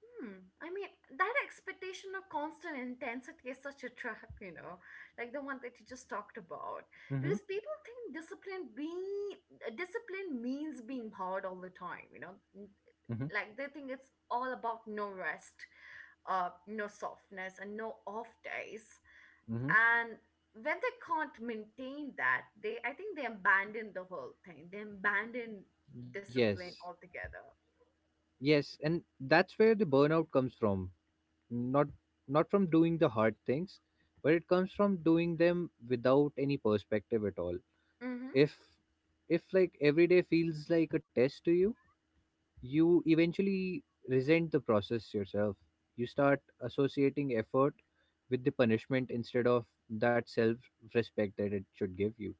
Hmm. I mean, that expectation of constant intensity is such a trap, *laughs* you know, like the one that you just talked about.
Mm-hmm,
Because people think discipline means being hard all the time, you know. N-
mm-hmm,
Like they think it's all about no rest, no softness, and no off days.
mm-hmm.
And when they can't maintain that, they I think they abandon the whole thing. They abandon
Yes,
discipline altogether.
yes, and that's where the burnout comes from, not not from doing the hard things but it comes from doing them without any perspective at all.
Mm-hmm.
if if like every day feels like a test to you, you eventually resent the process yourself. You start associating effort with the punishment instead of that self respect that it should give you.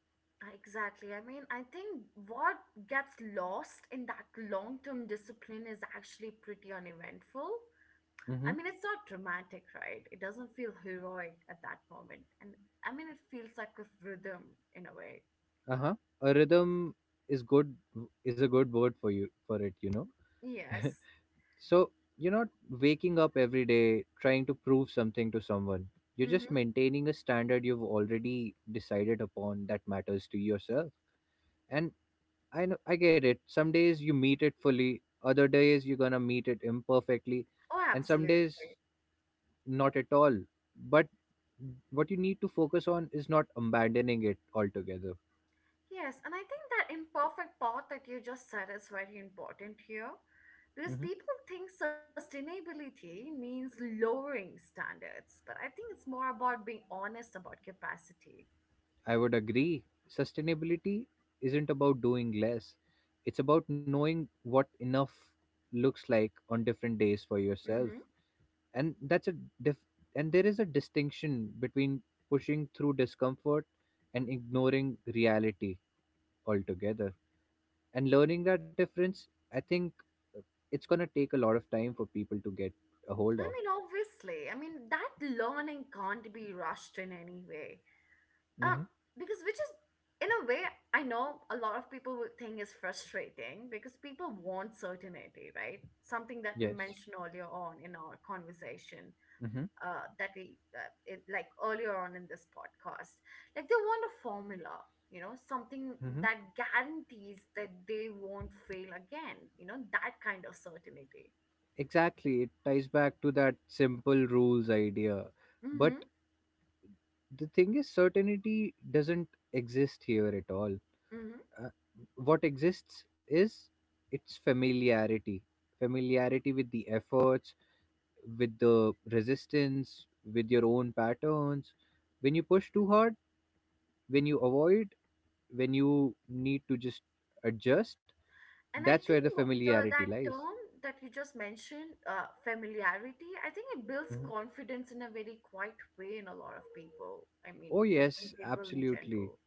Exactly. I mean, I think what gets lost in that long term discipline is actually pretty uneventful. I
Mm-hmm.
mean, it's not dramatic, right? It doesn't feel heroic at that moment. And I mean, it feels like a rhythm in a way.
Uh-huh. A rhythm is good, is a good word for you for it, you know.
Yes.
So you're not waking up every day trying to prove something to someone. You're just
Mm-hmm.
maintaining a standard you've already decided upon that matters to yourself. And I know, I get it. Some days you meet it fully, other days you're gonna meet it imperfectly,
Oh,
and some days
absolutely.
not at all. But what you need to focus on is not abandoning it altogether.
Yes, and I think that imperfect part that you just said is very important here, because
hmm
people think sustainability means lowering standards, but I think it's more about being honest about capacity.
I would agree. Sustainability isn't about doing less. It's about knowing what enough looks like on different days for yourself.
Hmm.
And that's a diff- and there is a distinction between pushing through discomfort and ignoring reality altogether. And learning that difference, I think, uh, it's going to take a lot of time for people to get a
I
hold of.
mean, obviously, I mean, that learning can't be rushed in any way. Um,
hmm
because which is, in a way, I know a lot of people would think is frustrating because people want certainty, right? Something that we
yes
mentioned earlier on in our conversation,
hmm
that like earlier on in this podcast, like they want a formula, you know, something
hmm
that guarantees that they won't fail again, you know, that kind of certainty.
exactly, it ties back to that simple rules idea. But
Mm-hmm.
the thing is certainty doesn't exist here at all.
Mm-hmm.
uh, what exists is its familiarity. Familiarity with the efforts, with the resistance, with your own patterns, when you push too hard, when you avoid, when you need to just adjust.
And I
That's where
think
the familiarity
that
lies.
term that you just mentioned, familiarity, I think it builds
Mhm.
confidence in a very quiet way in a lot of people, I mean,
Oh
in
yes,
people in
absolutely,
general.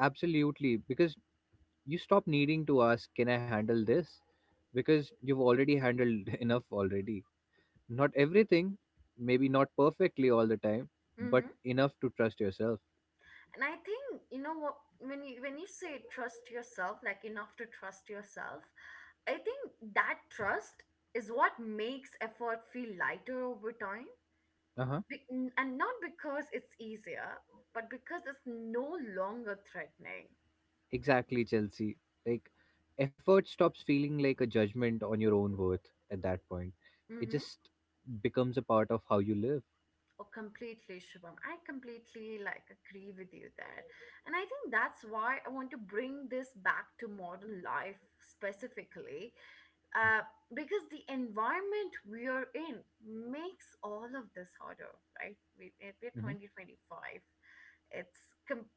absolutely. Because you stop needing to ask, can I handle this? Because you've already handled *laughs* enough already. Not everything, maybe not perfectly all the time, but
Mm-hmm.
enough to trust yourself.
And I think, you know what, when you say trust yourself, like enough to trust yourself, I think that trust is what makes effort feel lighter over time.
Uh-huh.
And not because it's easier, but because it's no longer threatening.
Exactly, Chelsea. Like effort stops feeling like a judgment on your own worth at that point. It
Mm-hmm.
just becomes a part of how you live.
Or completely, Shubham, I completely like agree with you there, and I think that's why I want to bring this back to modern life specifically, uh, because the environment we are in makes all of this harder, right? We're
hmm
2025. It's com-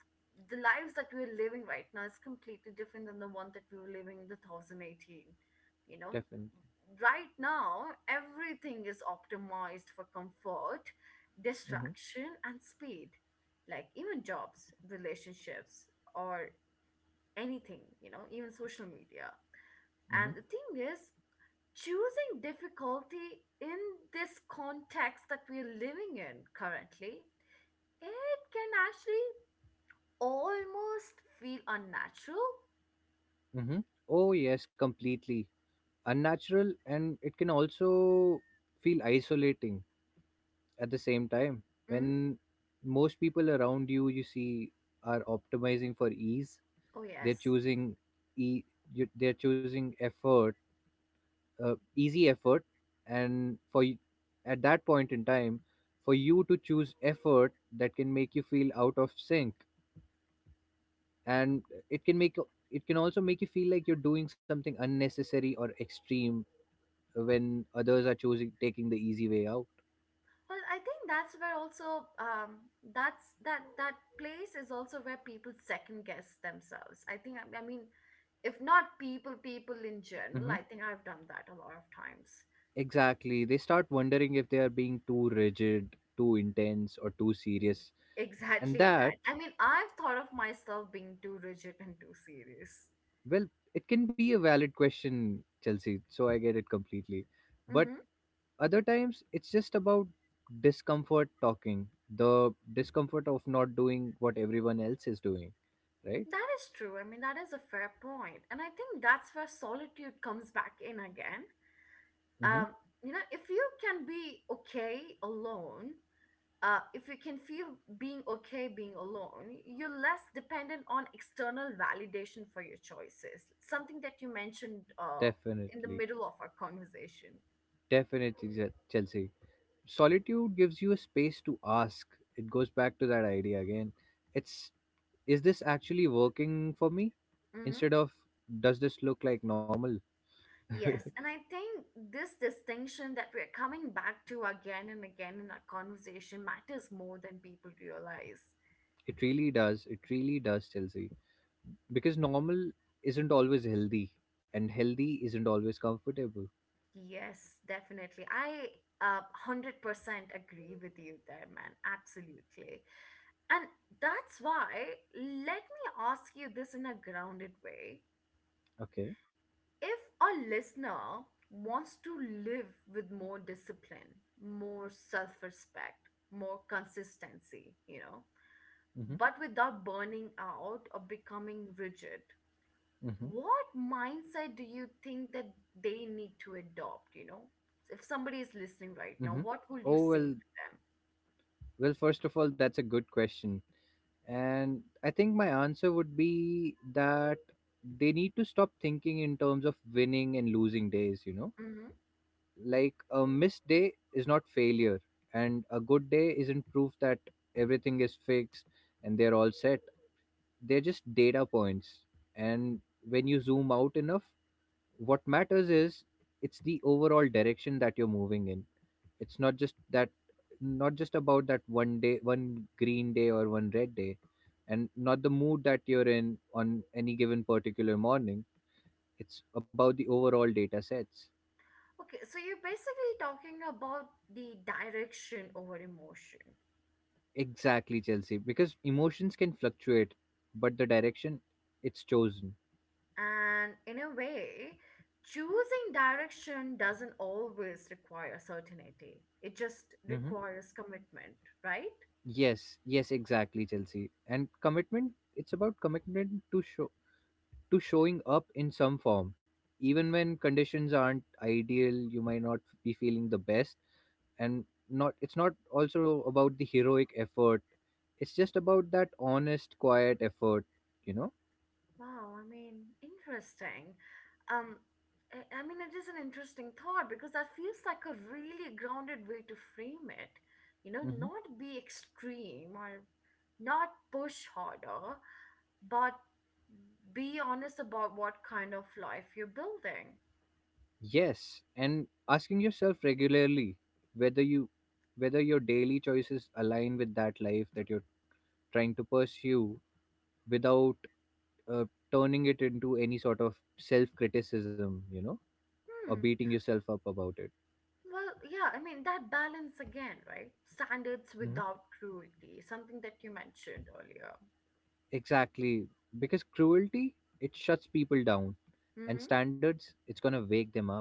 the lives that we're living right now is completely different than the one that we were living in 2018. You know,
Definitely.
right now, everything is optimized for comfort,
Mm-hmm.
distraction, and speed. Like even jobs, relationships, or anything, you know, even social media.
Mm-hmm.
And the thing is, choosing difficulty in this context that we're living in currently, it can actually almost feel unnatural.
Mm-hmm. Oh, yes, completely. Unnatural, and it can also feel isolating at the same time.
Mm?
When most people around you, you see, are optimizing for ease,
Oh
they're
yes.
e- they're choosing effort, easy effort, and for at that point in time, for you to choose effort, that can make you feel out of sync. And it can make it can also make you feel like you're doing something unnecessary or extreme when others are choosing taking the easy way out.
Well, I think that's where also that place is also where people second guess themselves. I mean, if not people, people in
hmm
general. I think I've done that a lot of times. *laughs*
exactly, they start wondering if they are being too rigid, too intense, or too serious. And
Exactly that.
that
I mean, I've thought of myself being too rigid and too serious.
Well, it can be a valid question, Chelsea, so I get it completely. But
Mm-hmm.
other times it's just about discomfort talking, the discomfort of not doing what everyone else is doing, right?
That is true. I mean, that is a fair point. And I think that's where solitude comes back in again.
hmm
Um, you know, if you can be okay alone, if you can feel being okay being alone, you're less dependent on external validation for your choices. Something that you mentioned in the
Definitely.
middle of our conversation.
Definitely, Chelsea. Solitude gives you a space to ask. It goes back to that idea again. It's, is this actually working for me?
Hmm.
Instead of, does this look like normal? *laughs* It
Yes. And I think this distinction that we're coming back to again and again in our conversation matters more than people realize.
really does. It really does, Chelsea. Because normal isn't always healthy, and healthy isn't always comfortable.
Yes, definitely. I uh, 100% agree with you there, man. Absolutely. And that's why, let me ask you this in a grounded way.
Okay.
If a listener wants to live with more discipline, more self respect, more consistency, you know,
Mm-hmm.
but without burning out or becoming rigid,
Mm-hmm.
what mindset do you think that they need to adopt, you know, if somebody is listening right now,
Mm-hmm.
what would you
Oh
say
well.
to them?
Well, first of all, that's a good question. And I think my answer would be that they need to stop thinking in terms of winning and losing days, you know?
Hmm.
Like a missed day is not failure, and a good day isn't proof that everything is fixed and they're all set. They're just data points. And when you zoom out enough, what matters is it's the overall direction that you're moving in. It's not just that Not just about that one day, one green day or one red day, and not the mood that you're in on any given particular morning. It's about the overall data sets.
Okay, so you're basically talking about the direction over emotion.
Exactly, Chelsea. Because emotions can fluctuate, but the direction it's chosen.
And in a way, choosing direction doesn't always require certainty, it just
hmm
requires commitment, right?
Yes, yes, exactly, Chelsea. And commitment, it's about commitment to show to showing up in some form. Even when conditions aren't ideal, you might not be feeling the best. And not it's not also about the heroic effort, it's just about that honest quiet effort, you know.
Wow, I mean, interesting. Um, I mean, it is an interesting thought because that feels like a really grounded way to frame it. You know,
hmm
not be extreme or not push harder, but be honest about what kind of life you're building.
yes, and asking yourself regularly whether you whether your daily choices align with that life that you're trying to pursue without, uh, turning it into any sort of self criticism, you know, or
Hmm.
beating yourself up about it.
Well, yeah, I mean, that balance again, right? Standards
hmm
without cruelty, something that you mentioned earlier.
exactly, because cruelty it shuts people down and
Mm-hmm.
standards it's going to wake them up.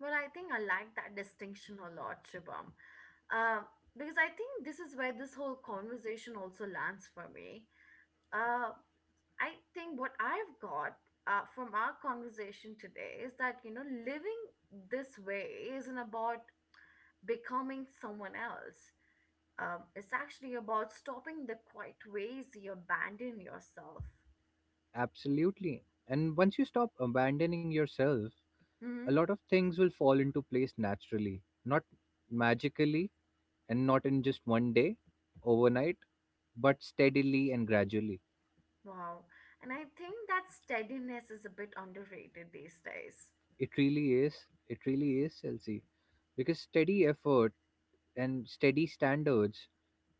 Well, I think I like that distinction a lot, Shubham. Uh, because I think this is where this whole conversation also lands for me. Uh, I think what I've got from our conversation today is that, you know, living this way isn't about becoming someone else. It's actually about stopping the quiet ways you abandon yourself.
Absolutely. And once you stop abandoning yourself, a
Hmm.
lot of things will fall into place naturally, not magically and not in just one day, overnight, but steadily and gradually.
Wow. And I think that steadiness is a bit underrated these days.
It really is. It really is, Chelsea. Because steady effort and steady standards,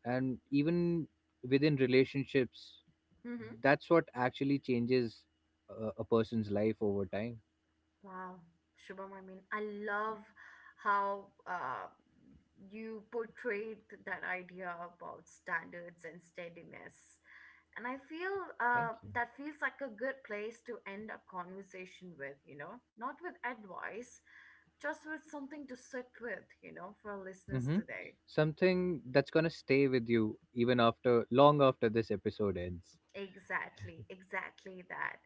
and even within relationships,
Mm-hmm.
that's what actually changes a person's life over time.
Wow, Shubham, I mean, I love how you portrayed that idea about standards and steadiness. And I feel
Thank you.
that feels like a good place to end a conversation with, you know, not with advice, just with something to sit with, you know, for our listeners
Mm-hmm.
today.
Something that's gonna stay with you even after long after this episode ends.
Exactly, exactly that.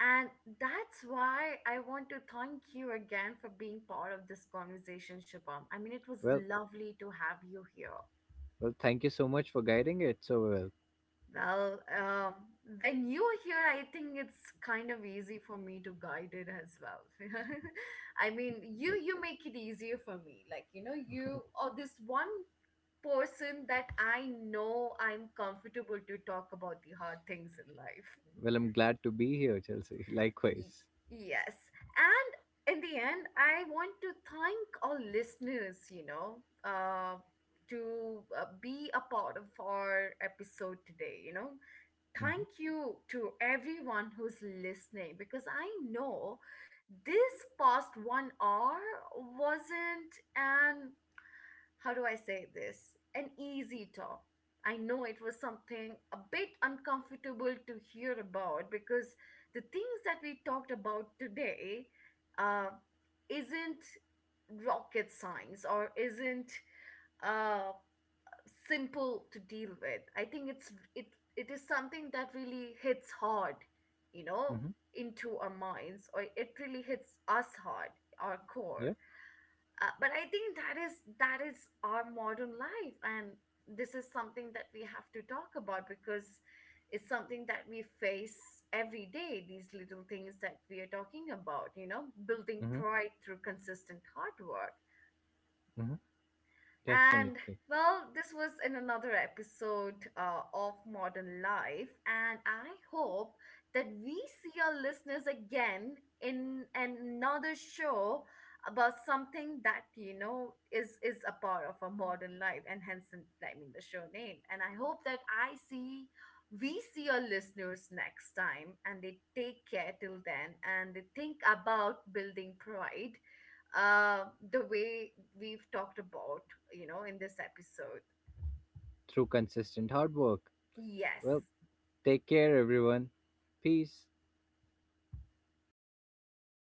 And that's why I want to thank you again for being part of this conversation, Shubham. I mean, it was
Well,
lovely to have you here.
well, thank you so much for guiding it so well.
Well, when you are here, I think it's kind of easy for me to guide it as well. *laughs* I mean, you make it easier for me. Like, you know, you or this one person that I know I'm comfortable to talk about the hard things in life.
Well, I'm glad to be here, Chelsea. *laughs*
Y-
Likewise.
Yes. And in the end, I want to thank all listeners, you know, to be a part of our episode today, you know. Thank
Mm-hmm.
you to everyone who's listening because I know this past 1 hour wasn't an, how do I say this? An easy top. I know it was something a bit uncomfortable to hear about because the things that we talked about today uh, isn't rocket science or isn't uh, simple to deal with. I think it it is something that really hits hard, you know,
Mm-hmm.
into our minds, or it really hits us hard, our
Yeah.
core, but I think that is our modern life, and this is something that we have to talk about because it's something that we face every day, these little things that we are talking about, you know, building
Mm-hmm.
pride through consistent hard work.
Mm-hmm.
And
Definitely.
well, this was in another episode of Modern Life, and I hope that we see our listeners again in another show about something that you know is a part of our modern life, and hence, I mean, the show name. And I hope that I see we see our listeners next time, and they take care till then, and they think about building pride the way we've talked about, you know, in this episode.
Through consistent hard work.
Yes.
Well, take care, everyone. Peace.